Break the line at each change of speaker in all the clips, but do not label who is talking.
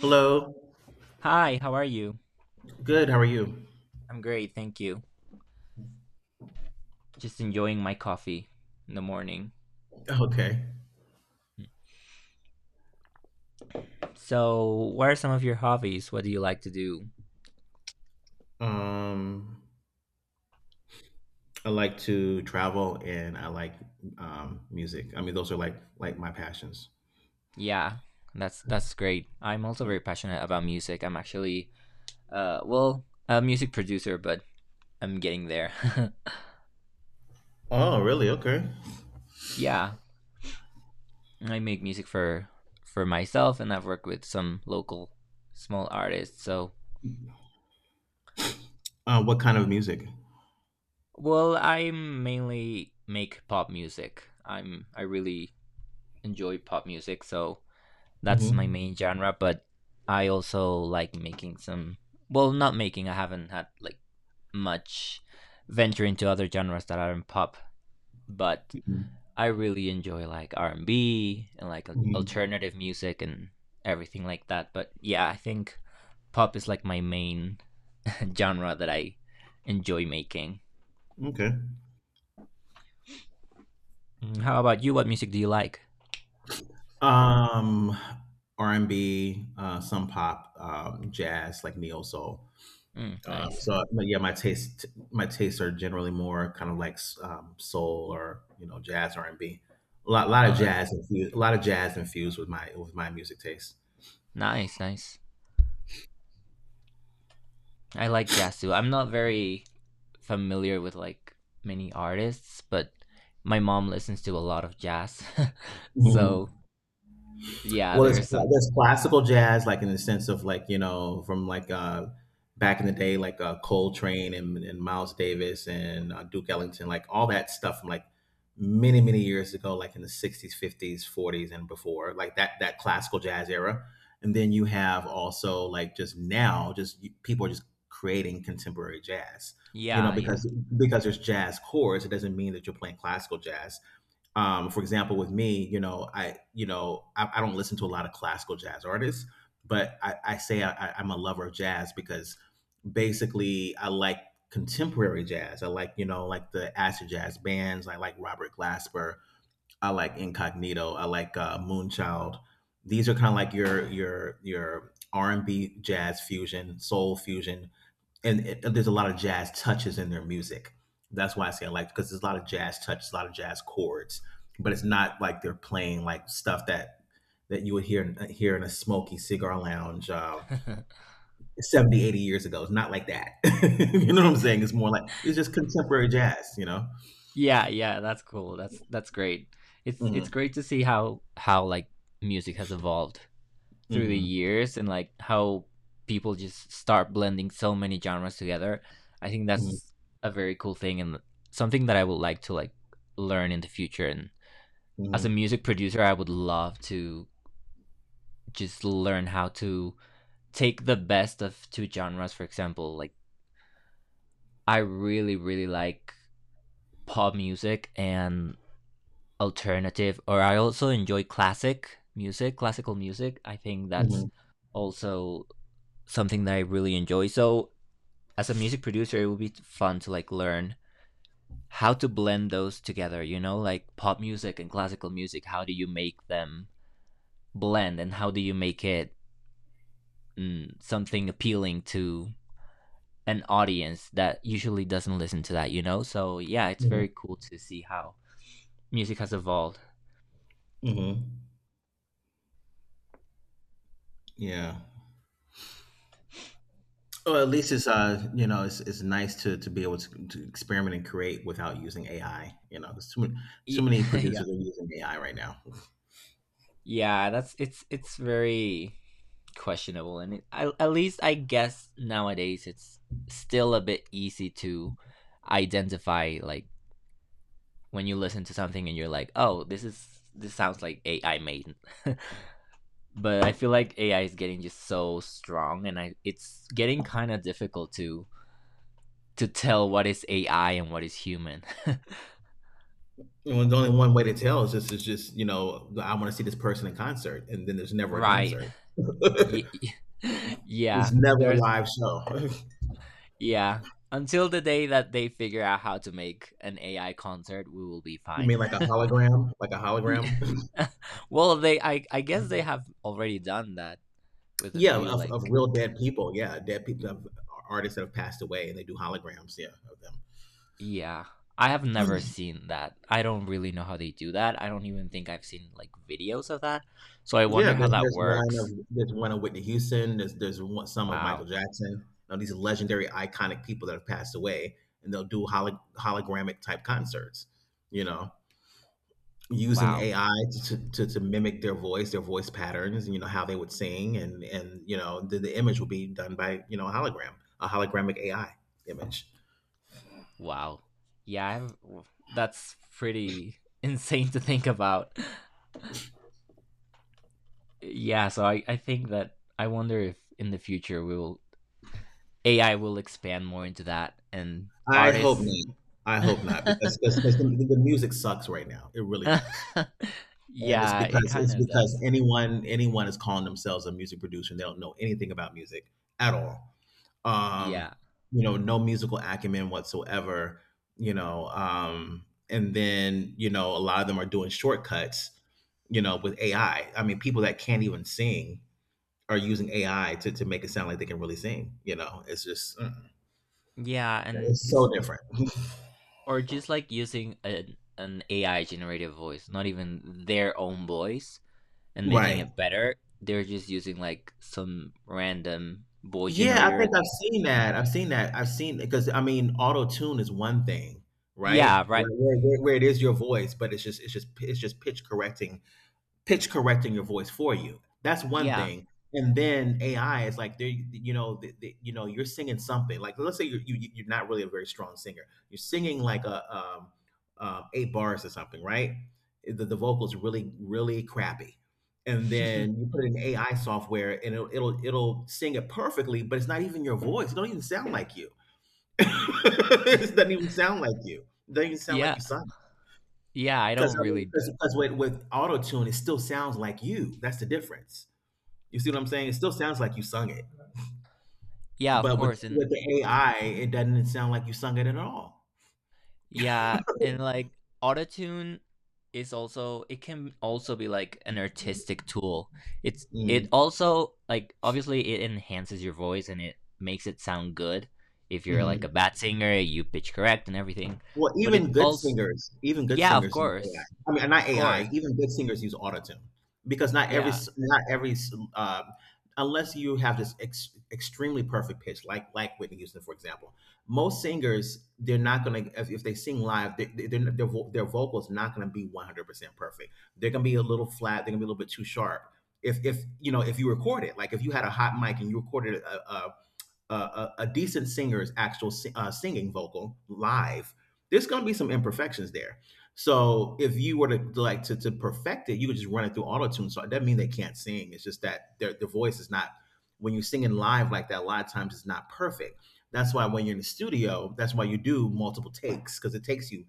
Hello.
Hi, how are you?
Good. How are you?
I'm great, thank you. Just enjoying my coffee in the morning.
Okay.
So, what are some of your hobbies? What do you like to do?
Um, I like to travel, and I like music. I mean, those are like my passions.
Yeah, that's great. I'm also very passionate about music. I'm actually well, a music producer, but I'm getting there.
Oh, really? Okay.
Yeah, I make music for myself and I've worked with some local small artists. So,
What kind of music?
well, I mainly make pop music. I really enjoy pop music, so that's my
hmm
main genre, but I also like making some well, not making, I haven't had like much venture into other genres that aren't pop, but I really enjoy like R&B and B and like
hmm
alternative music and everything like that. But yeah, I think pop is like my main genre that I enjoy making.
Okay.
Mm, How about you? What music do you like?
Um, R and B, some pop, jazz, like neo soul.
Mm,
Um,
nice.
so but yeah, my tastes are generally more kind of like soul, or you know, jazz, R and B. A lot of
Oh,
jazz infused, a lot of jazz infused with my music taste.
nice, nice. I like Jasu. I'm not very familiar with like many artists, but my mom listens to a lot of jazz.
Mhm.
So, yeah,
Well,
there's some.
there's classical jazz, like in the sense of, like, you know, from like back in the day, like Coltrane and Miles Davis and Duke Ellington, like all that stuff from like many many years ago, like in the '60s, '50s, '40s, and before, like that classical jazz era. And then you have also like just now, people are just creating contemporary jazz. You know,
Yeah, yeah.
because there's jazz chords, it doesn't mean that you're playing classical jazz. For example, with me, you know, I don't listen to a lot of classical jazz artists, but I say I'm a lover of jazz because basically I like contemporary jazz. I like, you know, like the acid jazz bands. I like Robert Glasper. I like Incognito. I like Moonchild. These are kind of like your R and B jazz fusion, soul fusion, and there's a lot of jazz touches in their music. That's why I say I like, because there's a lot of jazz touches, a lot of jazz chords, but it's not like they're playing like stuff that you would hear in a smoky cigar lounge 70, 80 years ago. It's not like that. You know what I'm saying? It's more like it's just contemporary jazz. You know?
Yeah, yeah, that's cool. That's great. It's
Mm-hmm.
great to see how like music has evolved through the
Mm-hmm.
years and like how people just start blending so many genres together. I think that's a very cool thing and something that I would like to like learn in the future and as a
Mm-hmm.
music producer, I would love to just learn how to take the best of two genres. For example, like I really, really like pop music and alternative, or I also enjoy classic music, classical music. I think that's
Mm-hmm.
also something that I really enjoy. So, as a music producer, it would be fun to like learn how to blend those together, you know, like pop music and classical music. How do you make them blend and how do you make it something appealing to an audience that usually doesn't listen to that, you know? So yeah, it's
Mm-hmm.
very cool to see how music has evolved.
Mm-hmm. Yeah. So at least it's uh, you know, it's nice to to experiment and create without using AI. You know, there's too many
Yeah.
producers are using AI right now.
Yeah, that's it's very questionable and it, I, at least I guess nowadays it's still a bit easy to identify like when you listen to something and you're like, "Oh, this sounds like AI made." But I feel like AI is getting just so strong and I it's getting kind of difficult to tell what is AI and what is human.
And when the only one way to tell is just you know, I want to see this person in concert, and then there's never a
Right.
concert.
Yeah.
It's never a
There's
live show.
yeah. Until the day that they figure out how to make an AI concert, we will be
You
fine.
mean like a hologram, like a
Ye-
hologram?
well, they I guess they have already done that with a
Yeah,
few
of
like
real dead people. Yeah, dead people, of artists that have passed away, and they do holograms. Yeah, of them.
yeah. I have never seen that. I don't really know how they do that. I don't even think I've seen like videos of that. So I
Yeah,
wonder how that works.
there's one of Whitney Houston. There's one, some of Michael
Wow.
Jackson. Now these legendary, iconic people that have passed away, and they'll do hologramic type concerts. You know, using
Wow.
AI to, to mimic their voice patterns, you know, how they would sing, and you know, the image will be done by, you know, a hologram, a hologramic AI image.
Wow. Yeah, I've, that's pretty insane to think about. Yeah, so I think that I wonder if in the future we will AI will expand more into that and
I hope
artists.
not. I hope not, because the music sucks right now. It really does. And it's
Yeah, it
because
kind of does.
anyone is calling themselves a music producer, and they don't know anything about music at all, um
Yeah.
you know, no musical acumen whatsoever, you know. And then, you know, a lot of them are doing shortcuts, you know, with AI. I mean, people that can't even sing are using AI to make it sound like they can really sing. You know, it's just
Yeah, and
it's so
it's
different.
or just like using an AI generated voice, not even their own voice and making
Right.
it better. They're just using like some random voice
Yeah, I
generator.
think I've seen that. I've seen that. I've seen, because I mean, auto tune is one thing, right?
Yeah, right.
Where, where it is your voice, but it's just it's just pitch correcting, pitch correcting your voice for you. That's one
Yeah.
thing. And then AI is like, you know, you know, you're singing something. Like, let's say you are not really a very strong singer. You're singing like a 8 bars or something, right? The vocals really really crappy, and then you put it in AI software, and it'll sing it perfectly, but it's not even your voice. It don't even sound like you.
Y-
It doesn't even sound like you. It doesn't even sound like
yeah.
you sung.
Yeah, I
Because
don't
I mean,
really.
because with auto tune, it still sounds like you. That's the difference. You see what I'm saying? It still sounds like you sung it,
Yeah, of
but with
course. And
with the AI, it doesn't sound like you sung it at all.
yeah, and like autotune is also it can also be like an artistic tool. It's it
Mm-hmm.
also like obviously it enhances your voice and it makes it sound good. If you're like a bad singer, you pitch correct and everything.
Well,
But it also
even good
yeah, of
singers use AI.
course.
I mean, not
Of course.
AI. Even good singers use autotune, because not every,
Yeah.
s- not every, s- unless you have this extremely perfect pitch, like Whitney Houston, for example. Most singers, they're not gonna, if they sing live, they, their their vocals not gonna be 100% perfect. They're gonna be a little flat. They're gonna be a little bit too sharp. If, you know, if you record it, like if you had a hot mic and you recorded a a decent singer's actual singing vocal live, there's going to be some imperfections there. So if you were to like to perfect it, you could just run it through auto tune. So it doesn't mean they can't sing. It's just that their voice is not, when you're singing live like that. A lot of times it's not perfect. That's why when you're in the studio, that's why you do multiple takes, because it takes you,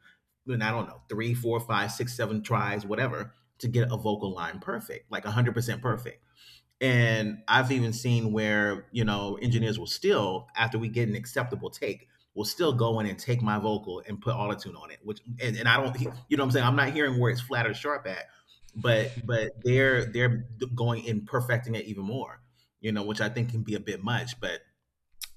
I don't know, three, four, five, six, seven tries, whatever, to get a vocal line perfect, like 100% perfect. And I've even seen where, you know, engineers will still, after we get an acceptable take, will still go in and take my vocal and put autotune on it, which, and I don't, you know what I'm saying? I'm not hearing where it's flat or sharp at, but, they're going in perfecting it even more, you know, which I think can be a bit much. But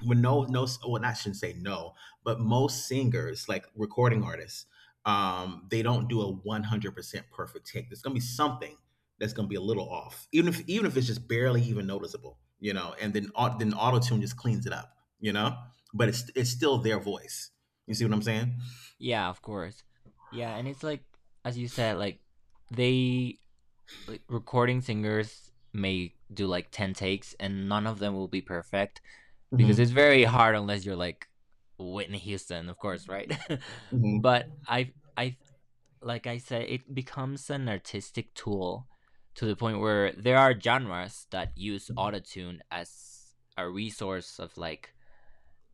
when no, no, well, I shouldn't say no, but most singers, like recording artists, they don't do a 100% perfect take. There's gonna be something that's gonna be a little off, even if it's just barely even noticeable, you know. And then auto tune just cleans it up, you know. But it's still their voice. You see what I'm saying?
Yeah, of course. Yeah, and it's like as you said like they like, recording singers may do like 10 takes and none of them will be perfect because it's
hmm
very hard unless you're like Whitney Houston, of course, right?
hmm
But I like I said it becomes an artistic tool to the point where there are genres that use autotune as a resource of like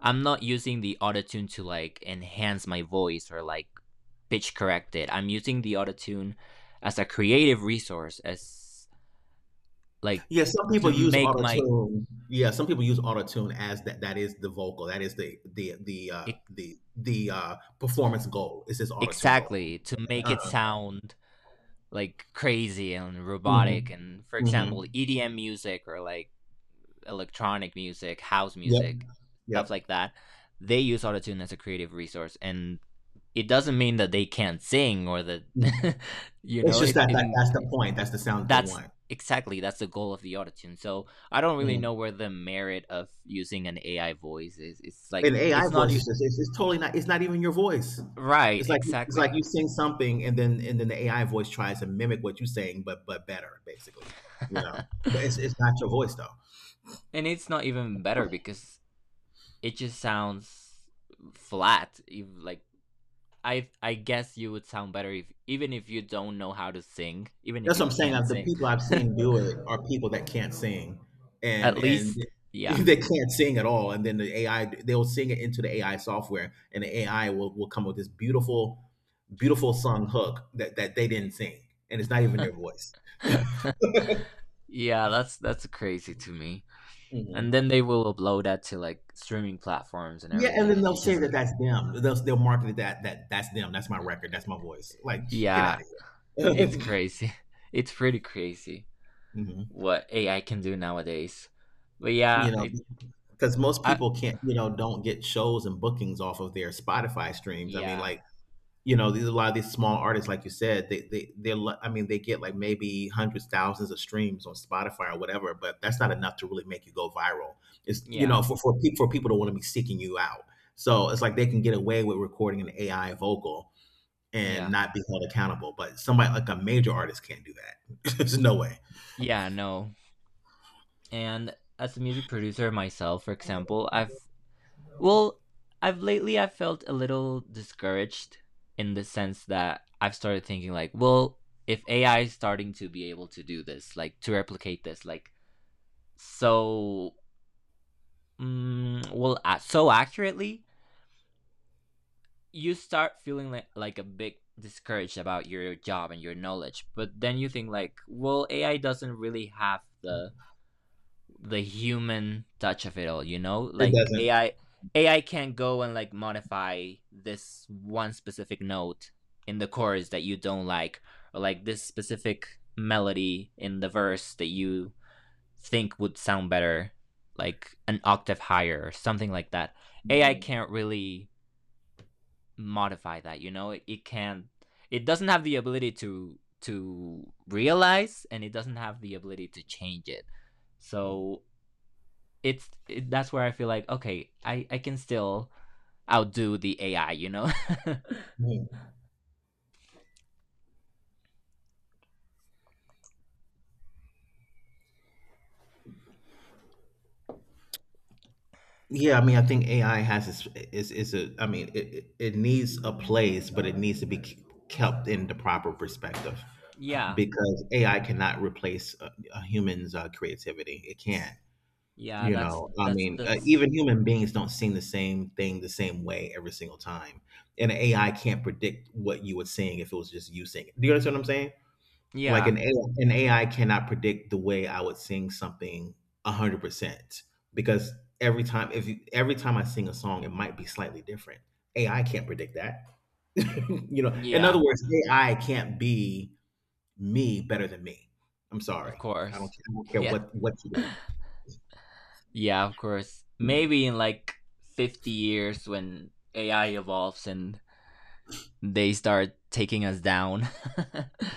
I'm not using the autotune to like enhance my voice or like pitch correct it. I'm using the autotune as a creative resource as like
yeah, some people
to
use
make
auto
my
tune. Yeah, some people use auto tune as that, that is the vocal. That is the the the uh
e-
the the uh performance goal. It's this auto tune vocal.
exactly to make it
Uh-huh.
sound like crazy and robotic
Mhm.
and for example
Mhm.
EDM music or like electronic music, house
Yep,
music, stuff
yep.
like that, they use autotune as a creative resource and it doesn't mean that they can't sing or that
Mm.
you
It's
know
just
it,
that
it
that's the point, that's the sound they
that's
want.
exactly that's the goal of the autotune, so I don't really
Mm.
know where the merit of using an AI voice is. It's
And
like
AI
it's not
voice is just, it's totally not, it's not even your voice.
right
It's like
exactly.
you sing something, and then the AI voice tries to mimic what you are saying, but better, basically, you know? But it's not your voice, though.
And it's not even better because it just sounds flat. If, like I guess you would sound better if even if you don't know how to sing, even if
That's
you
what I'm saying.
can't
Like, the
sing.
people I've seen do it are people that can't sing,
At
and
least yeah.
they can't sing at all. And then the AI, they'll sing it into the AI software, and the AI will come with this beautiful, beautiful sung hook that that they didn't sing, and it's not even their voice.
Yeah, that's crazy to me.
Hmm.
And then they will upload that to like streaming platforms and
Yeah, and
everything
then
and
they'll
it's
say
just
that
like
that's them. They'll market it that that's them. That's my record. That's my voice. Like, get out
yeah,
of
it's
here.
crazy. It's pretty crazy
Hmm.
what AI can do nowadays. But yeah,
You know,
it,
because most
I
people can't, you know, don't get shows and bookings off of their Spotify streams. I mean,
yeah,
like, you know, these, a lot of these small artists, like you said, they they are, I mean, they get like maybe hundreds, thousands of streams on Spotify or whatever, but that's not enough to really make you go viral. It's, you
yeah,
know, for for people to want to be seeking you out. So it's like they can get away with recording an AI vocal and
yeah.
not be held accountable, but somebody like a major artist can't do that. There's no way
Yeah, no. And as a music producer myself, for example, I've well, I've lately I've felt a little discouraged in the sense that I've started thinking like, well, if AI is starting to be able to do this, like to replicate this, like so so accurately, you start feeling like a big discouraged about your job and your knowledge. But then you think like, well, AI doesn't really have the human touch of it all, you know?
it
Like
doesn't
AI AI can't go and like modify this one specific note in the chorus that you don't like or like this specific melody in the verse that you think would sound better like an octave higher or something like that. AI
Mhm.
can't really modify that, you know? It can't it doesn't have the ability to realize and it doesn't have the ability to change it.
Mhm.
So it's it, that's where I feel like okay, I can still outdo the AI, you know?
Mhm. Yeah, I mean, I think AI has its, is a. I mean, it needs a place, but it needs to be kept in the proper perspective,
Yeah.
because AI cannot replace a human's creativity. It can't.
Yeah,
You
that's
know, I
that's
mean,
that's
even human beings don't sing the same thing the same way every single time, and AI can't predict what you would sing if it was just you singing. Do you understand what I'm saying? Like an
yeah.
AI, an AI cannot predict the way I would sing something a 100% because every time if you, every time I sing a song it might be slightly different. AI can't predict that. In other
Yeah,
words, AI can't be me better than me. I'm
of
sorry.
course.
I don't care
Yeah.
what you do.
Yeah, of course. Maybe in like 50 years when AI evolves and they start taking us down.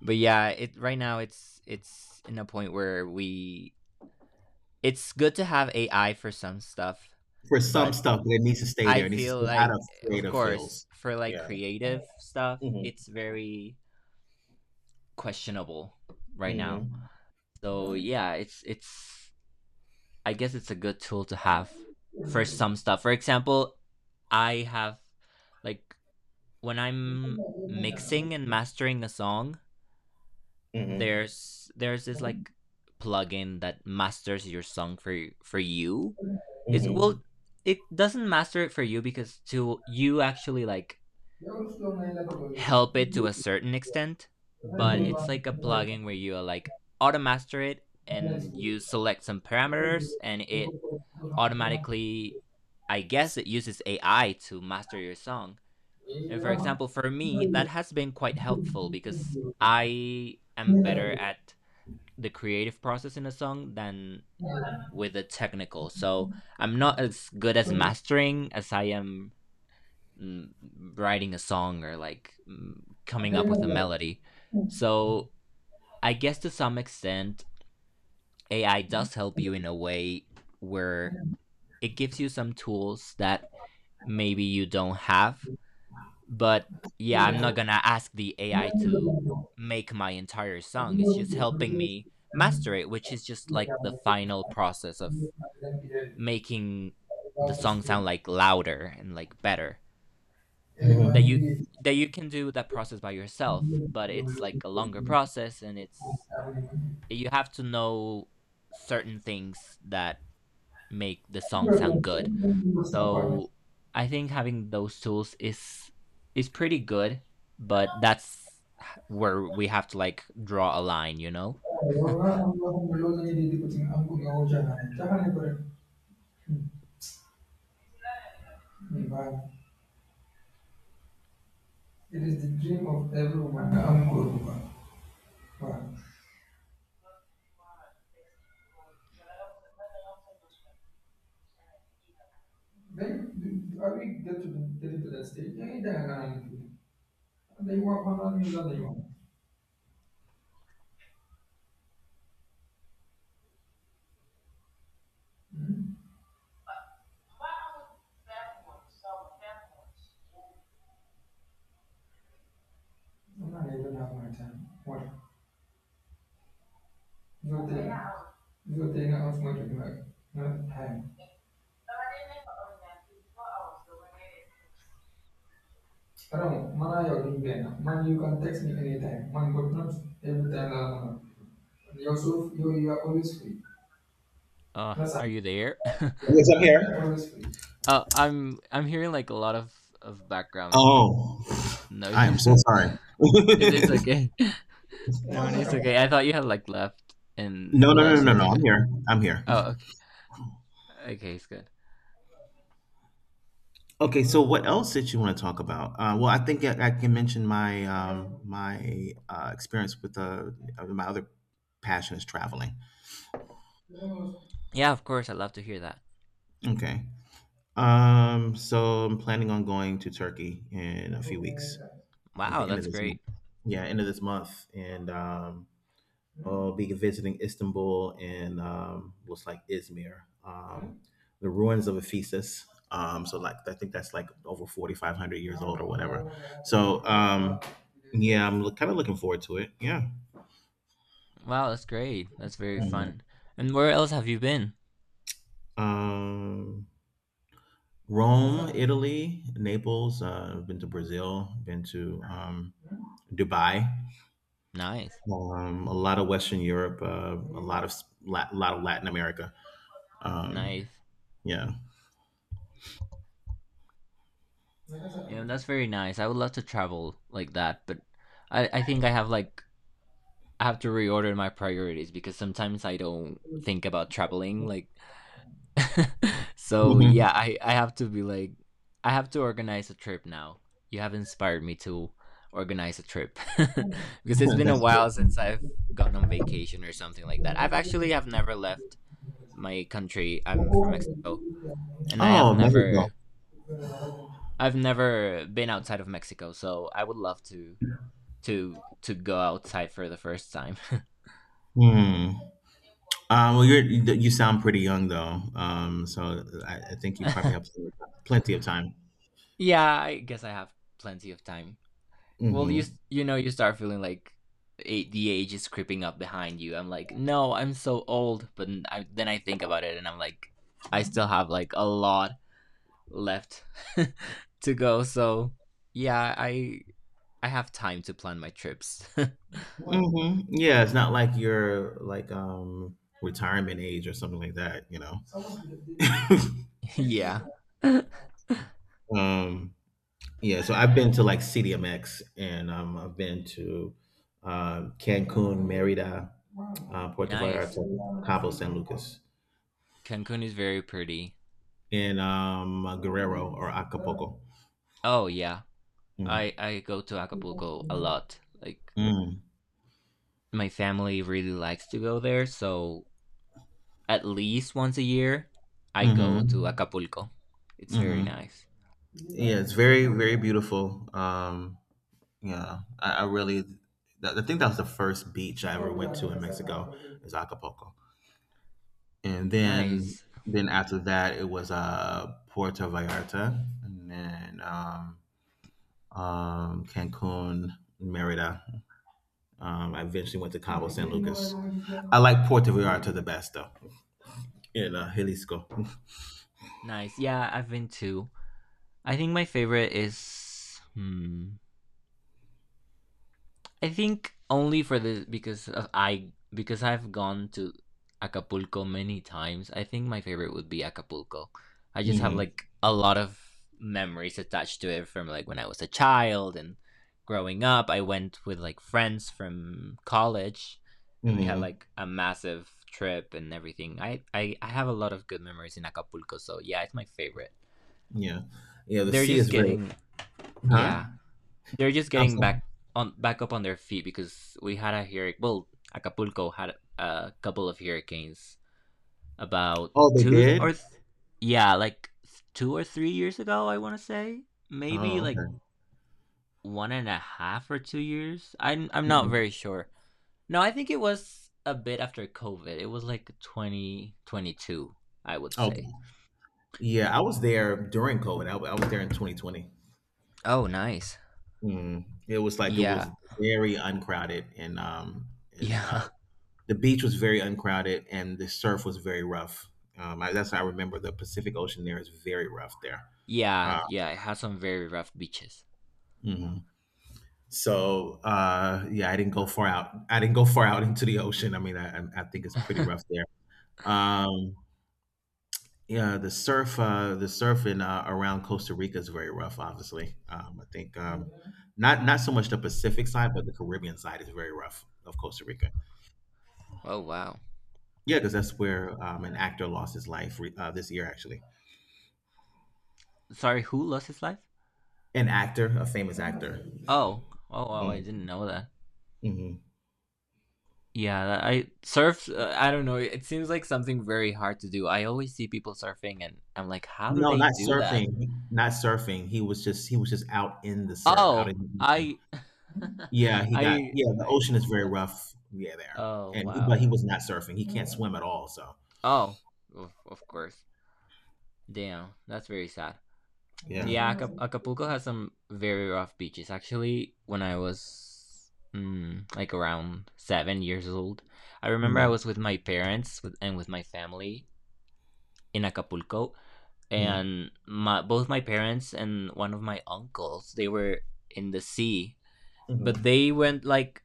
But yeah, it right now it's in a point where we it's good to have AI for some stuff,
For some
but
stuff, but it needs to stay
I
there. It needs to
feel
stay out
like,
of
of
creative
course,
fields.
for like
Yeah.
creative stuff,
Mhm.
it's very questionable right now.
Mhm.
So yeah, it's it's. I guess it's a good tool to have for some stuff. For example, I have like when I'm mixing and mastering a song,
Mhm.
there's this like plugin that masters your song for you. It's well,
Mhm.
it doesn't master it for you because to you actually like
よろしくお願いだと思います。
help it to a certain extent,
おはようござ
but
いし
it's
ます。
like a
お願い
plugin where you like automaster it and you select some parameters and it automatically I guess it uses AI to master your song. And for example, for me, that has been quite helpful because I am better at the creative process in a song than with the technical. So I'm not as good as mastering as I am mm, writing a song or like coming up with a melody. So I guess to some extent, AI does help you in a way where it gives you some tools that maybe you don't have. But yeah, I'm not
し
gonna ask the
ま
AI
す。
to make my entire song. It's just helping me master it, which is just like the final process of making the song sound like louder and like better. That you that you can do that process by yourself
It
but it's like a longer
is
process and it's you have to know certain things that make the song sound good, so I think having those tools is pretty good but that's where we have to like draw a line, you know.
the dream of every woman. I'm good. Wow. Then are we get to the, get to that stage? Yeah, yeah, yeah, yeah. They work on you, they work. Hmm? I'm not even have my time. What? So, so they not have much of not time. Wrong. Mana jogging plan. Man, you can text me anytime. Man, but not every time. You are always free.
Uh,
Plus, I-
are you there?
Yes, I'm here. Always free.
Uh, I'm hearing like a lot of background
Oh, I am
noise.
so sorry.
It, it's
That's
okay.
what
No,
I'm talking
it's
about.
okay. I thought you had like left, and
no, no,
left
no, no,
sounds
no.
like
I'm
good.
here. I'm here.
Oh, okay. Okay, it's good.
Okay, so what else did you want to talk about? Well, I think I can mention my my experience with my other passion is traveling.
Yeah, of course. I'd love to hear that.
Okay. So I'm planning on going to Turkey in a few weeks, like
Wow,
the end of
that's
this month.
great.
Yeah, end of this month, and I'll be visiting Istanbul and looks like Izmir, the ruins of Ephesus. So like I think that's like over 4500 years old or whatever. So yeah, I'm kind of looking forward to it. Yeah.
Wow, that's great. That's very
Mhm.
fun. And where else have you been?
Um, Rome, Italy, Naples. I've been to Brazil. Been to Dubai.
Nice,
A lot of Western Europe. A lot of Latin America. Um,
nice.
yeah,
Yeah, that's very nice. I would love to travel like that, but I think I have like I have to reorder my priorities because sometimes I don't think about traveling. Like so
mhm.
yeah, I have to be like I have to organize a trip now. You have inspired me to organize a trip because it's been a
That's
while since I've gone on
good.
vacation or something like that. I've actually have never left my country. I'm from Mexico, and I have
Oh, Mexico.
never I've never been outside of Mexico, so I would love to go outside for the first time.
Hmm. Well, you sound pretty young though. So I think you probably have plenty of time.
Yeah, I guess I have plenty of time. Well,
Hmm.
you start feeling like the age is creeping up behind you. I'm like, no, I'm so old. But then I think about it, and I'm like, I still have like a lot left to go. So yeah, I have time to plan my trips.
Hmm. Yeah, it's not like you're like retirement age or something like that, you know.
Yeah.
Um, yeah, so I've been to like CDMX and I've been to Cancun, Merida, Puerto
Nice.
Vallarta, Cabo San Lucas,
Cancun is very pretty.
and Guerrero or Acapulco.
Oh yeah,
Mhm.
I go to Acapulco a lot. Like,
Mm.
my family really likes to go there, so at least once a year, I go to
Mm-hmm.
Acapulco. It's very
Mm-hmm.
nice.
Yeah, it's very, very beautiful. I really, that, I think that was the first beach I ever went to in Mexico is Acapulco, and
Nice.
then after that it was Puerto Vallarta, and then Cancun, Merida. I eventually went to Cabo San Lucas. I like Puerto Vallarta the best though, in Jalisco.
Nice. Yeah, I've been too. I think my favorite is, I think, only for this because I've gone to Acapulco many times. I think my favorite would be Acapulco. I just have
Hmm.
like a lot of memories attached to it from like when I was a child and growing up. I went with like friends from college, and we had
Hmm.
like a massive trip and everything. I have a lot of good memories in Acapulco, so yeah, it's my favorite.
Yeah, yeah. The
They're
sea
just
is very
getting
huh.
yeah, they're just getting
Outside-
back up on their feet because we had a hurricane. Well, Acapulco had a couple of hurricanes about
Oh, they did.
yeah, like 2 or 3 years ago. I want to say maybe
Oh,
like
okay.
one and a half or 2 years. I'm not
Hmm.
very sure. No, I think it was a bit after COVID. It was like 2022, I would say.
Okay. Yeah, I was there during COVID. I was there in 2020.
Oh, nice.
Mm. It was like it
Yeah.
was very uncrowded, and
Yeah.
the beach was very uncrowded, and the surf was very rough. That's how I remember the Pacific Ocean. There is very rough there.
Yeah,
Uh,
yeah, it has some very rough beaches.
mhm. So yeah, I didn't go far out. I didn't go far out into the ocean. I mean, I think it's pretty rough there. Um, Yeah, the surf, the surfing around Costa Rica is very rough. Obviously, I think not so much the Pacific side, but the Caribbean side is very rough of Costa Rica.
Oh, wow.
Yeah, because that's where an actor lost his life this year, actually.
Sorry, who lost his life?
An actor, a famous actor.
Oh. Oh, wow, I didn't
Mm,
know that.
mm-hmm.
Yeah, I surf, I don't know, it seems like something very hard to do. I always see people surfing and I'm like, "How do
No,
they
not
do that?"
surfing. Not surfing. He was just out in the surf, out
Oh,
in the
I
ocean. Yeah, he got
I
yeah. The
I
ocean is very
thought so.
rough. Yeah, there,
Oh,
and he, but
wow.
he was not surfing. He can't swim at all. So
Oh, of course. Damn, that's very sad.
yeah.
Yeah, Acapulco has some very rough beaches. Actually, when I was, like, around 7 years old, I remember I
Mhm.
was with my parents, and with my family, in Acapulco,
Mhm.
and my both my parents and one of my uncles, they were in the sea,
Mhm.
but they went like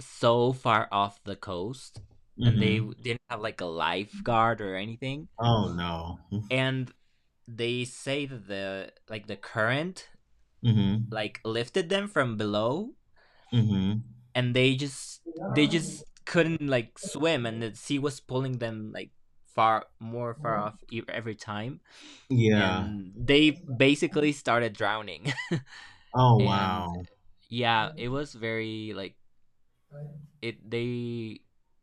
so far off the coast, and they
Mhm.
didn't have like a lifeguard or anything,
Oh no.
and they say that the current
Mhm.
like lifted them from below,
Mhm.
and they just couldn't like swim, and the sea was pulling them like far off every time,
Yeah.
and they basically started drowning.
Oh
And
wow.
yeah, it was very like, it they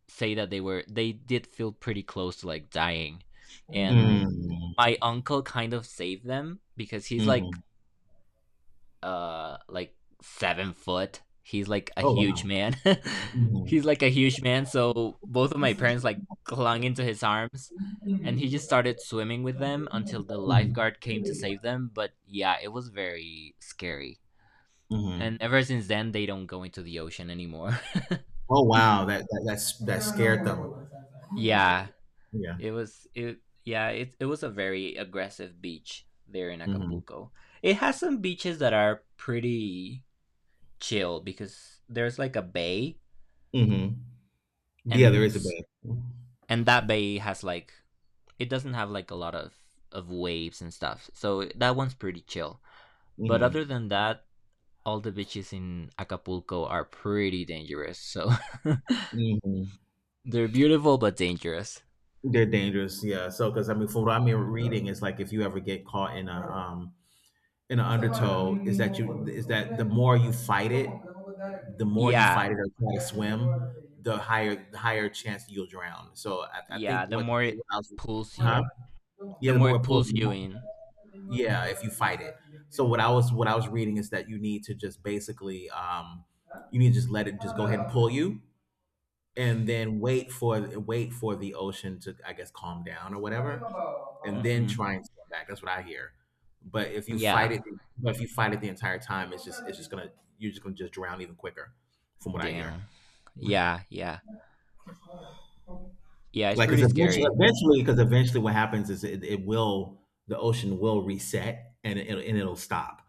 say that they did feel pretty close to like dying, and
Mm.
my uncle kind of saved them because he's like,
Mhm.
like, 7 foot. He's like a
Oh
huge
wow.
man.
Mhm.
He's like a huge man, so both of my parents like clung into his arms, and he just
Mhm.
started swimming with them until the lifeguard came to save them. But yeah, it was very scary. And
Mhm.
ever since then, they don't go into the ocean anymore.
Oh wow. That scared them.
Yeah.
Yeah.
It was it yeah, it was a very aggressive beach there in
Mhm.
Acapulco. It has some beaches that are pretty chill because there's like a bay,
Mhm. Yeah, there
and
is a bed.
and that bay has like, it doesn't have like a lot of waves and stuff. So that one's pretty chill. But other
Mhm.
than that, all the beaches in Acapulco are pretty dangerous. So
Mhm.
they're beautiful but dangerous.
They're dangerous, yeah. So, because I mean, from what I'm yeah reading, it's like if you ever get caught in a in an undertow, is that the more you fight it, the more you
Yeah,
fight it or try to swim, the higher chance you'll drown. So I
yeah.
think
The more it
what I was,
pulls
huh?
you, the
Yeah, the
more
more
it
it pulls,
pulls
you, the
you
more,
in.
yeah, if you fight it. So what I was reading is that you need to just basically you need to just let it just go ahead and pull you and then wait for the ocean to I guess calm down or whatever, and then
Mm-hmm.
try and swim back. That's what I hear. But if you fight
Yeah.
it, but if you fight it the entire time, it's just gonna you're just gonna just drown even quicker, from what I hear.
Damn. Yeah, yeah, yeah. It's
Like, because
pretty scary.
eventually, what happens is it will the ocean will reset and it'll stop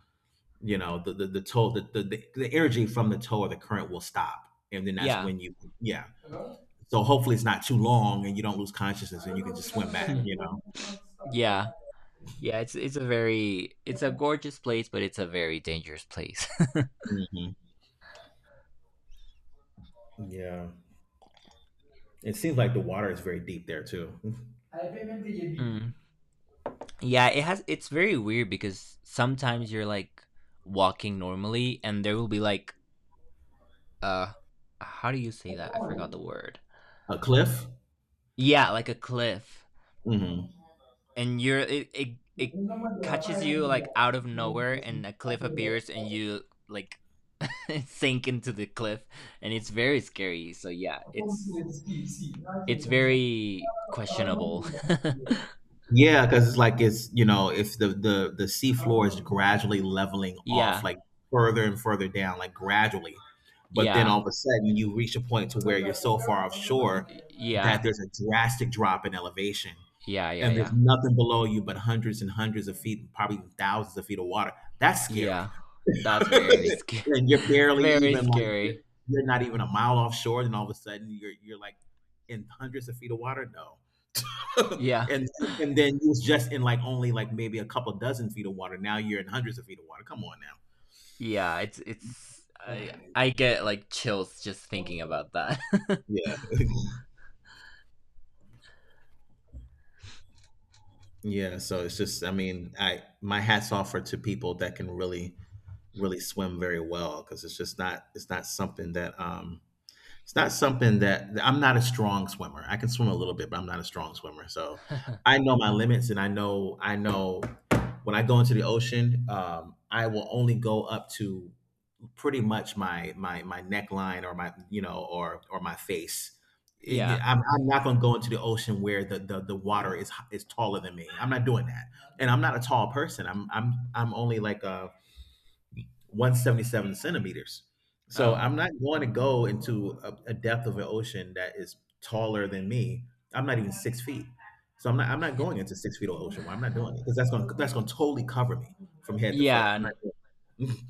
you know the energy from the toe or the current will stop and then that's
Yeah.
when you yeah so hopefully it's not too long and you don't lose consciousness and you can just swim back you know.
Yeah. Yeah, it's a gorgeous place, but it's a very dangerous place.
Hmm. Yeah, it seems like the water is very deep there too.
Mm. Yeah, it's very weird because sometimes you're like walking normally, and there will be like, uh how do you say that? I forgot the word.
A cliff.
Yeah, like a cliff. And it catches you like out of nowhere, and a cliff appears, and you like sink into the cliff, and it's very scary. So yeah, it's very
Hmm.
questionable.
Yeah, because it's like it's you know if the sea floor is gradually leveling off,
Yeah.
like further and further down, like gradually, but then
Yeah.
all of a sudden you reach a point to where you're so far offshore that
Yeah.
there's a drastic drop in elevation,
Yeah, yeah,
and there's
yeah.
nothing below you but hundreds and hundreds of feet, probably thousands of feet of water. That's scary,
Yeah. That's very scary.
and you're barely
Very
even like
scary.
you're not even a mile offshore, and all of a sudden you're like in hundreds of feet of water. No.
Yeah.
and and then you was just in like only like maybe a couple dozen feet of water. Now you're in hundreds of feet of water. Come on now.
Yeah, it's I get like chills just thinking about that.
Yeah. Yeah, so it's just I mean, I my hats off for to people that can really really swim very well because it's not something that it's not something that I'm not a strong swimmer. I can swim a little bit, but I'm not a strong swimmer. So I know my limits and I know when I go into the ocean, I will only go up to pretty much my neckline or my you know or my face.
Yeah.
Yeah, I'm not going to go into the ocean where the water is is taller than me. I'm not doing that, and I'm not a tall person. I'm only like 177 centimeters, so
Oh.
I'm not going to go into a depth of an ocean that is taller than me. I'm not even 6 feet, so I'm not going into 6 feet of ocean. Water. I'm not doing it because that's going to totally cover me from head to foot.
Yeah.
I'm not. Doing it.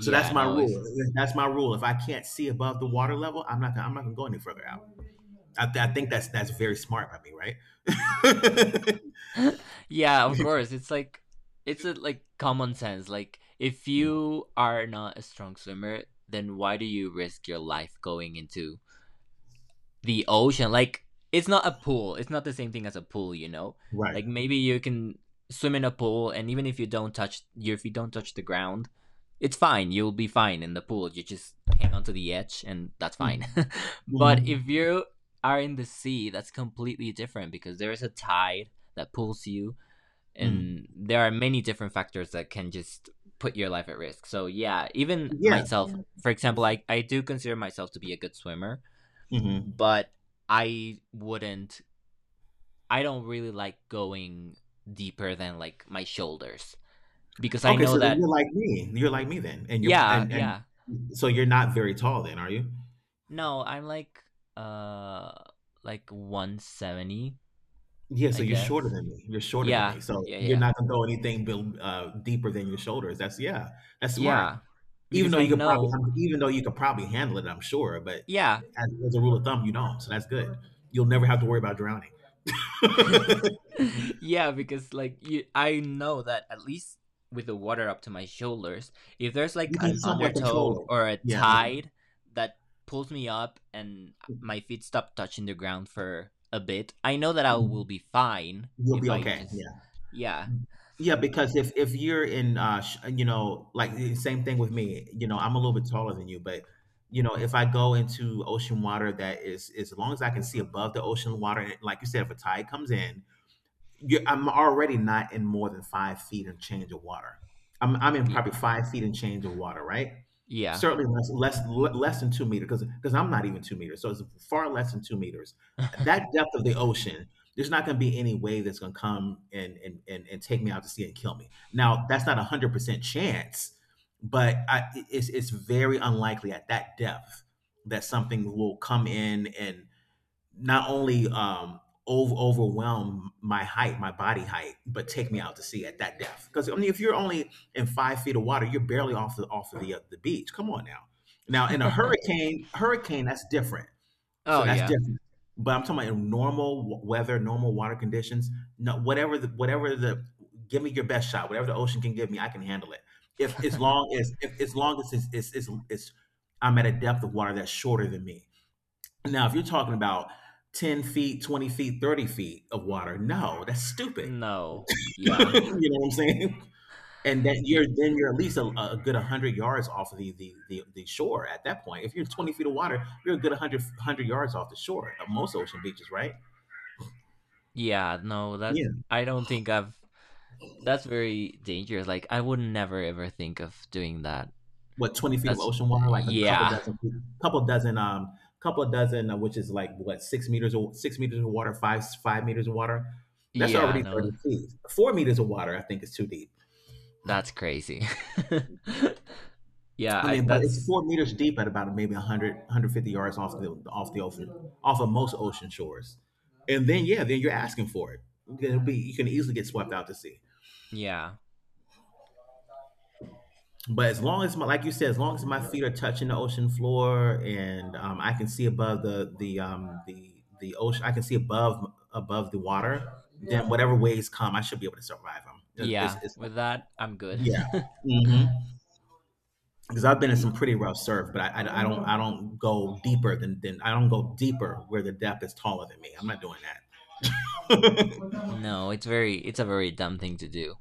So that's my
no, it's
rule. That's my rule. If I can't see above the water level, I'm not. I'm not gonna go any further out. I think that's very smart by me, right?
Yeah, of course. It's like, it's a, like, common sense. Like, if
Mm,
you are not a strong swimmer, then why do you risk your life going into the ocean? Like, it's not a pool. It's not the same thing as a pool, you know?
right.
Like, maybe you can swim in a pool, and even if you don't touch the ground, it's fine. You'll be fine in the pool. You just hang onto the edge and that's fine.
Mm,
But
mhm,
if you are in the sea, that's completely different because there is a tide that pulls you,
mm.
and there are many different factors that can just put your life at risk. So yeah, even
Yeah.
myself, for example, I do consider myself to be a good swimmer,
Hmm.
but I wouldn't. I don't really like going deeper than like my shoulders because I
Okay.
know
So then
that.
you're like me. You're like me then, and you're
Yeah,
and and
yeah.
so you're not very tall then, are you?
No, I'm like, uh like, 170,
Yeah.
I
So you're shorter
guess.
than me. You're shorter than
Yeah,
me. So
yeah,
you're
yeah,
not gonna go anything deeper than your shoulders. That's yeah. That's smart.
yeah.
Even
Because
though
I
you could probably,
know.
even though you could probably handle it, I'm sure. But
Yeah,
as a rule of thumb, you don't. So that's good. You'll never have to worry about drowning. You can
yeah, because like you, I know that at least with the water up to my shoulders, if there's like an
somewhat
undertow
control it.
or a
Yeah,
tide that pulls me up and my feet stop touching the ground for a bit, I know that I will
mm,
be fine
you'll
if
be
I
okay.
just,
Yeah.
yeah,
Yeah, because if you're in, you know, like the same thing with me. You know, I'm a little bit taller than you, but you know, if I go into ocean water is as long as I can see above the ocean water, like you said, if a tide comes in, you I'm already not in more than 5 feet and change of water. I'm in
y-
probably 5 feet and change of water, right?
yeah.
Certainly less than 2 meters because I'm not even 2 meters, so it's far less than 2 meters. That depth of the ocean, there's not going to be any wave that's going to come and, and take me out to sea and kill me. Now that's not 100% chance, but it's very unlikely at that depth that something will come in and not only overwhelm my height, my body height, but take me out to sea at that depth. Because I mean, if you're only in 5 feet of water, you're barely off the off of the beach. Come on now. Now in a hurricane that's different.
Oh
So that's
yeah,
different. But I'm talking about in normal weather, normal water conditions. No, whatever the give me your best shot. Whatever the ocean can give me, I can handle it. If as long as if as long as it's I'm at a depth of water that's shorter than me, now, if you're talking about 10 feet, 20 feet, 30 feet of water, no, that's stupid.
no,
You know
yeah,
what I'm saying? And that
y-
you're then you're at least a good 100 yards off of the shore at that point. If you're 20 feet of water, you're a good 100 yards off the shore at most ocean beaches, right?
yeah, no. That's,
Yeah.
I don't think I've. That's very dangerous. Like, I would never ever think of doing that.
What 20 feet of
That's,
ocean water, like a couple
yeah.
dozen, couple dozen, um, which is like what 6 meters of water, five meters of water. That's
Yeah,
already
no.
30 feet. 4 meters of water, I think, is too deep.
That's crazy. Yeah,
I
I
mean, but
that's,
it's 4 meters deep at about maybe 150 yards off the ocean, off of most ocean shores. And then, yeah, then you're asking for it. It'll be You can easily get swept out to sea.
yeah.
But as long as my, like you said, as long as my feet are touching the ocean floor and I can see above the ocean, I can see above the water. Then whatever waves come, I should be able to survive them.
Yeah, with that I'm good.
Yeah. Mhm. Because I've been in some pretty rough surf, but I don't go deeper where the depth is taller than me. I'm not doing that.
No, it's a very dumb thing to do.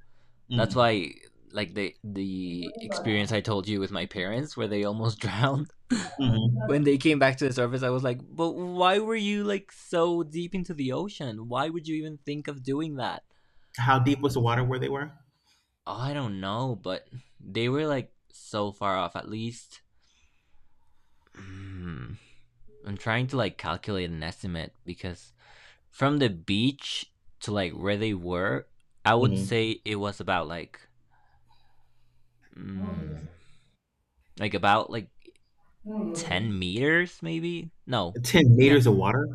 That's
Hmm.
why, like, the experience I told you with my parents, where they almost drowned.
Hmm.
When they came back to the surface, I was like, "But why were you like so deep into the ocean? Why would you even think of doing that?"
How deep was the water where they were?
Oh, I don't know, but they were like so far off. At least, Mm, I'm trying to like calculate an estimate, because from the beach to like where they were, I would
Hmm.
say it was about like, mm, like about like 10 meters maybe? No.
Ten
Yeah.
meters of water.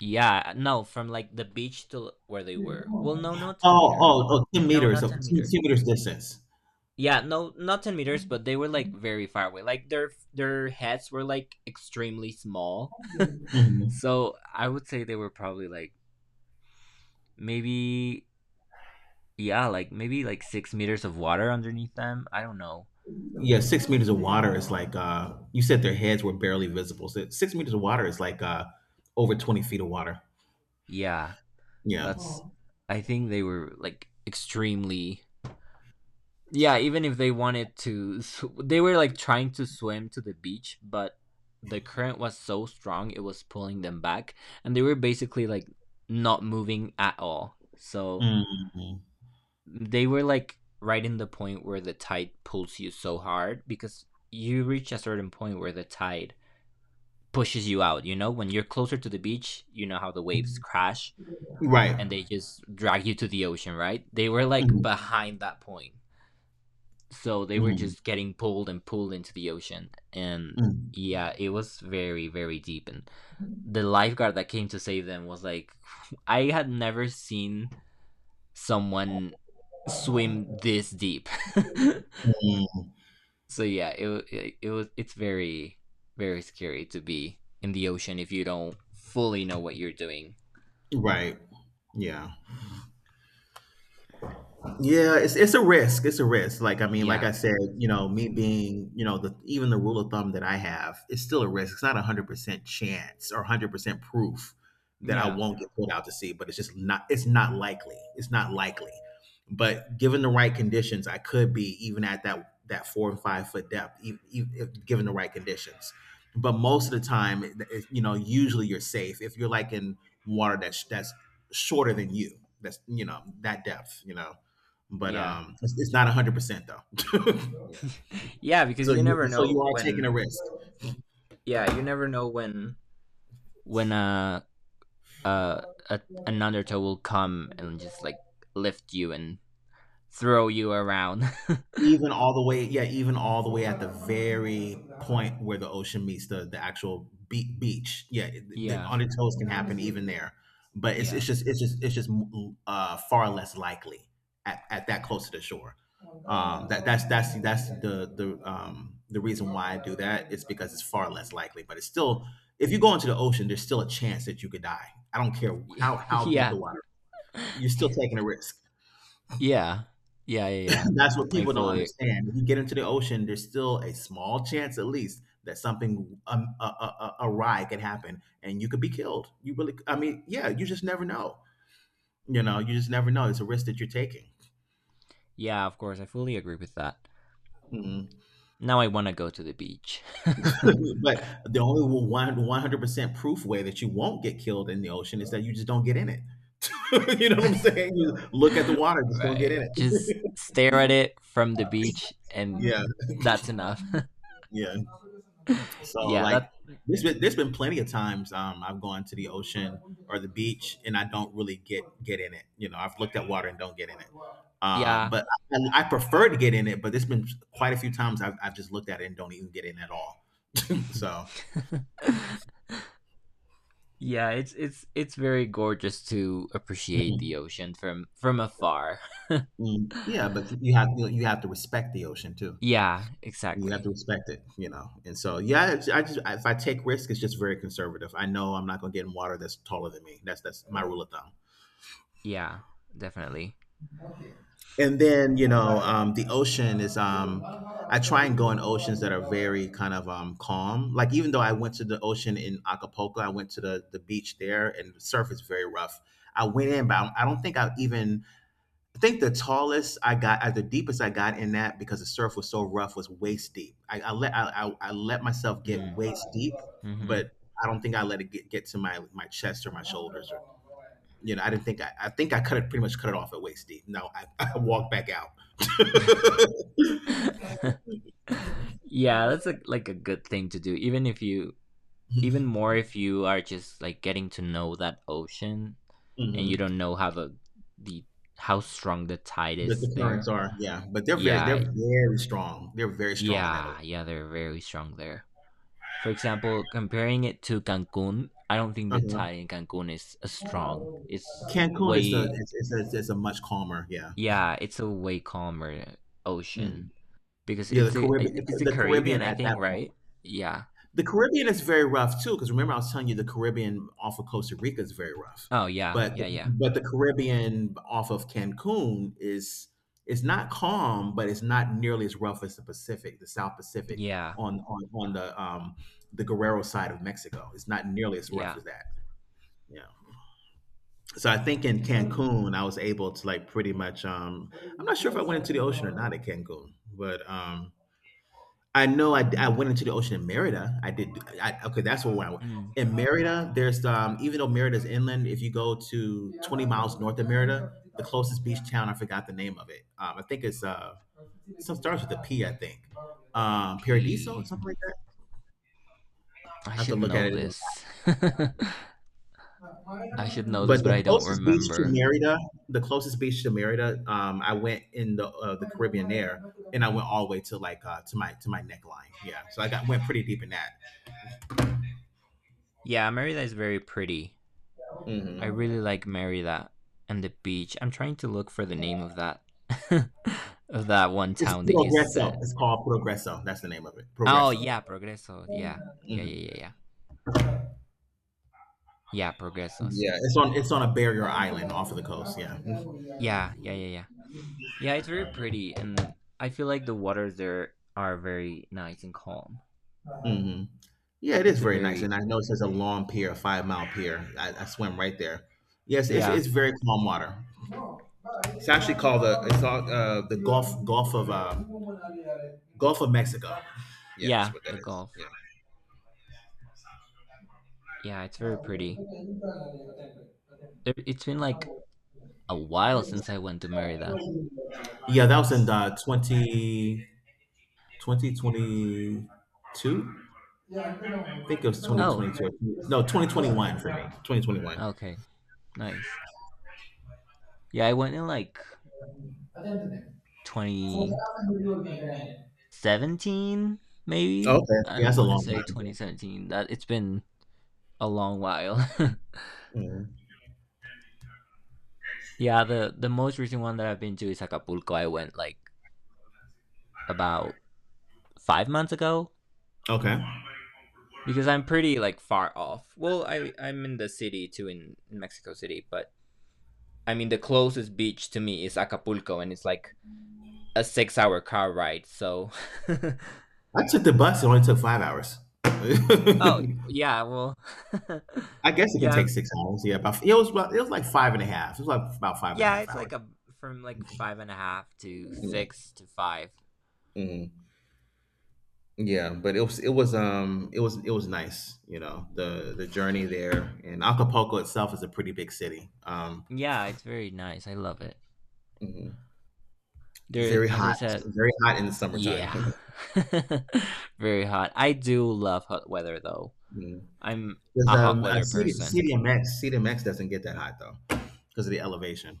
Yeah. No, from like the beach to where they were. Well, no, no 10
Oh,
meter.
oh, oh, 10
No,
meters,
not
so 10,
10 meter.
10 meters distance.
Yeah, no, not 10 meters, but they were like very far away. Like their heads were like extremely small.
Hmm.
So I would say they were probably like maybe, yeah, like maybe like 6 meters of water underneath them. I don't know.
Yeah, 6 meters of water is like, you said their heads were barely visible. So 6 meters of water is like, over 20 feet of water.
Yeah,
Yeah.
that's. I think they were like extremely. Yeah, even if they wanted to, they were like trying to swim to the beach, but the current was so strong it was pulling them back, and they were basically like not moving at all. So
Mhm.
they were like right in the point where the tide pulls you so hard because you reach a certain point where the tide pushes you out. You know, when you're closer to the beach, you know how the waves crash,
Right.
and they just drag you to the ocean, right? They were like
Mhm.
behind that point. So they were
Mhm.
just getting pulled and pulled into the ocean. And
Mhm.
yeah, it was very, very deep. And the lifeguard that came to save them was like, I had never seen someone swim this deep.
Mhm.
So yeah, it's very, very scary to be in the ocean if you don't fully know what you're doing.
Right. Yeah. Yeah, it's a risk. It's a risk. Like I mean, like I
Yeah.
said, you know, me being, you know, the even the rule of thumb that I have, it's still a risk. It's not 100% chance or 100% proof that I
Yeah.
won't get pulled out to sea, but it's just not. It's not likely. It's not likely. But given the right conditions, I could be even at that 4 and 5 foot depth, if given the right conditions. But most of the time, you know, usually you're safe if you're like in water that's shorter than you. That's that depth. You know but
Yeah.
um, it's not 100% though. Yeah.
Yeah, because
So
you
you
never
so you
know
are taking
when
a risk.
yeah, you never know when uh a, an undertow will come and just like lift you and throw you around.
Even all the way yeah even all the way at the very point where the ocean meets the actual beach, yeah. the,
Yeah.
on the toes can happen even there, but it's
Yeah.
it's just it's just it's just uh far less likely at that close to the shore. That's the reason why I do that, it's because it's far less likely, but it's still, if you go into the ocean, there's still a chance that you could die. I don't care
Yeah.
how deep
Yeah.
the water. You're still taking a risk.
Yeah. Yeah. Yeah. Yeah.
And that's what
I
people don't
fully.
understand. If you get into the ocean, there's still a small chance, at least, that something awry could happen, and you could be killed. I mean, yeah, you just never know. You just never know. It's a risk that you're taking.
Yeah, of course. I fully agree with that.
Mhm.
Now I want to go to the beach.
But the only one hundred percent proof way that you won't get killed in the ocean is that you just don't get in it. You know what I'm saying? You look at the water, just don't get in
Right. Just
it.
stare at it from the beach, and
Yeah.
that's enough.
Yeah. So
Yeah.
like
That.
there's been plenty of times, I've gone to the ocean or the beach, and I don't really get in it. I've looked at water and don't get in it. Um,
Yeah.
but I, I prefer to get in it. But there's been quite a few times I've just looked at it and don't even get in at all. So
Yeah, it's very gorgeous to appreciate the
mm,
ocean from afar.
yeah, but you have to respect the ocean too.
Yeah,
You have
exactly.
to respect it. And so, yeah, I just if I take risks, it's just very conservative. I know I'm not going to get in water that's taller than me. That's my rule of thumb.
Yeah, definitely.
And then, I try and go in oceans that are very kind of calm. Like, even though I went to the ocean in Acapulco, I went to the beach there, and the surf is very rough. I went in, but I don't think I think the deepest I got in that, because the surf was so rough, was waist deep. I let myself get
Mm.
waist deep,
Mm-hmm.
but I don't think I let it get to my chest or my shoulders, or I didn't think I think I cut it pretty much cut it off at waist deep. No, I walked back out.
Yeah, that's a, like, a good thing to do. Even more if you are just like getting to know that ocean, and you
Hmm.
don't know how the how strong the tide
The,
is
the currents
there.
are, yeah, but they're very
Yeah,
they're very strong. They're very strong in that ocean.
yeah, yeah. They're very strong there. For example, comparing it to Cancun, I don't think the
Uh-huh.
tide in Cancun is as strong. It's
Cancun is the
way
is a much calmer, yeah.
yeah, it's a way calmer
Mm-hmm.
ocean, because
Yeah, the
it's a
Caribbean,
it's the Caribbean, I
At that
think,
point.
right? Yeah.
The Caribbean is very rough too, because remember I was telling you the Caribbean off of Costa Rica is very rough,
Oh yeah,
but
yeah,
the,
yeah,
but the Caribbean off of Cancun is not calm, but it's not nearly as rough as the Pacific, the South Pacific
yeah,
on the Guerrero side of Mexico. It's not nearly as rough
yeah.
as that. Yeah. So I think in Cancun, I was able to like pretty much I'm not sure if I went into the ocean or not at Cancun, but I know I went into the ocean in Merida. I did. Okay, that's where I went.
Mm,
In Merida, there's even though Merida's inland, if you go to 20 miles north of Merida, the closest beach town, I forgot the name of it. I think it's some starts with a P, I think. Paradiso or
P.
something like that.
I
I have to
should
look at
know
it again.
this. I should know this,
But
but I don't remember.
The closest beach to Merida, I went in the Caribbean there, and I went all the way to my neckline. Yeah, so I got went pretty deep in that.
Yeah, Merida is very pretty.
Hmm.
I really like Mary that and the beach. I'm trying to look for the name of that of that one
It's
town that you said.
Progresso. It's called Progresso. That's the name of it.
Oh
Progresso.
yeah, Progreso.
Hmm.
Yeah,
Yeah,
yeah, yeah, yeah, yeah. Yeah, Progreso. See.
it's on, a barrier island off of the coast. Yeah.
Yeah, yeah, yeah, yeah. Yeah, it's very pretty, and I feel like the waters there are very nice and calm.
Hmm. Yeah, it is
It's a
very nice,
very
and I noticed there's a long pier, a 5 mile pier. I swim right there. Yes, it's
yeah,
it's very calm water. It's actually called the Gulf of Mexico. Yeah, that's
yeah,
what that
the
is. Yeah.
Gulf. Yeah, it's
हाँ
very
वो
pretty.
तो नहीं पता, नहीं होता है, पता है
It's been like
number.
a while since I went to Merida.
Yeah, that was in the 2022. I don't I think it was
Oh,
2022. No,
it's
2021 for me. 2021.
okay, nice. Yeah, I went in like 2017,
Oh,
maybe
okay.
I
Yeah, that's a
want to
long
say
time.
2017, that, it's been a long while.
Mhm.
Yeah, the most recent one that I've been to is Acapulco. I went like about 5 months ago,
Okay.
because I'm pretty like far off. Well, I'm in the city too, in Mexico City, but I mean, the closest beach to me is Acapulco, and it's like a 6-hour car ride, so
I took the bus. It only took 5 hours.
oh yeah, well,
I guess it can
yeah.
take 6 hours. Yeah, it was like five and a half. It was like about five and a
Yeah,
half
it's like
hours.
a from like five and a half to
Yeah,
six to five.
hmm yeah, but it was nice. The journey there, and Acapulco itself is a pretty big city.
Yeah, it's very nice. I love it.
Mhm.
There,
Very
as I
hot,
said,
very hot in the summertime.
yeah, very hot. I do love hot weather though.
Mhm.
I'm
Because
a hot weather person.
CDMX doesn't get that hot though, because of the elevation.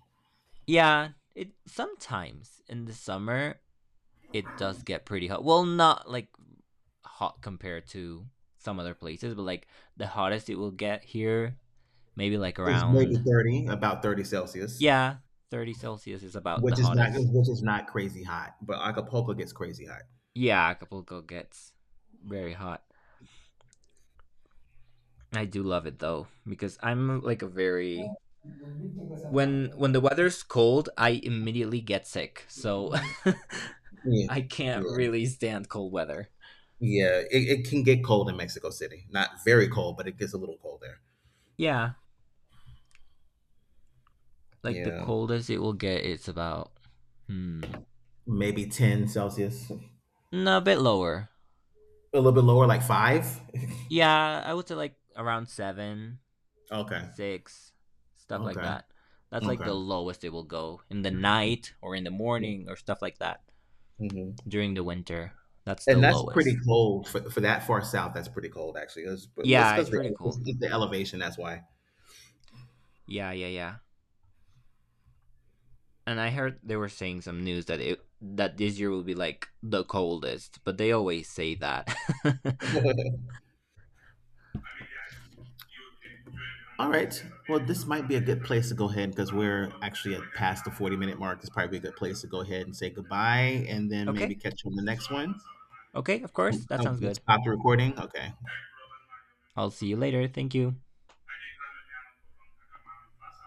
Yeah, it sometimes in the summer it does get pretty hot. Well, not like hot compared to some other places, but like the hottest it will get here, maybe like
It's maybe
around,
30, about 30 Celsius,
yeah, 30 Celsius is about the
which is not
hottest.
crazy hot. But Acapulco gets crazy hot.
Yeah, Acapulco gets very hot. I do love it though because I'm like a very
Yeah,
when the weather's cold, I immediately get sick. So I can't
yeah,
really stand cold weather.
yeah. It can get cold in Mexico City. Not very cold, but it gets a little cold there.
Yeah, like the
Yeah,
coldest it will get, it's about, hmm,
maybe 10 Celsius. A
no, a bit lower.
little bit lower, like 5.
Yeah, I would say like around seven,
Okay,
six, stuff like
okay,
that. That's like the
okay.
lowest it will go in the night or in the morning or stuff like that
Hmm.
during the winter. That's the
And that's pretty
lowest.
cold for that far south. That's pretty cold, actually. But it's
Yeah, it's
because
pretty cold.
it's the elevation. That's why.
Yeah, yeah, yeah. And I heard they were saying some news that this year will be like the coldest, but they always say that.
All right. Well, this might be a good place to go ahead because we're actually at past the 40-minute mark. It's probably a good place to go ahead and say goodbye and then maybe
Okay.
catch you on the next one.
Okay, of
Oh,
course. That sounds
oh,
good.
stop the recording. Okay.
I'll see you later. Thank you.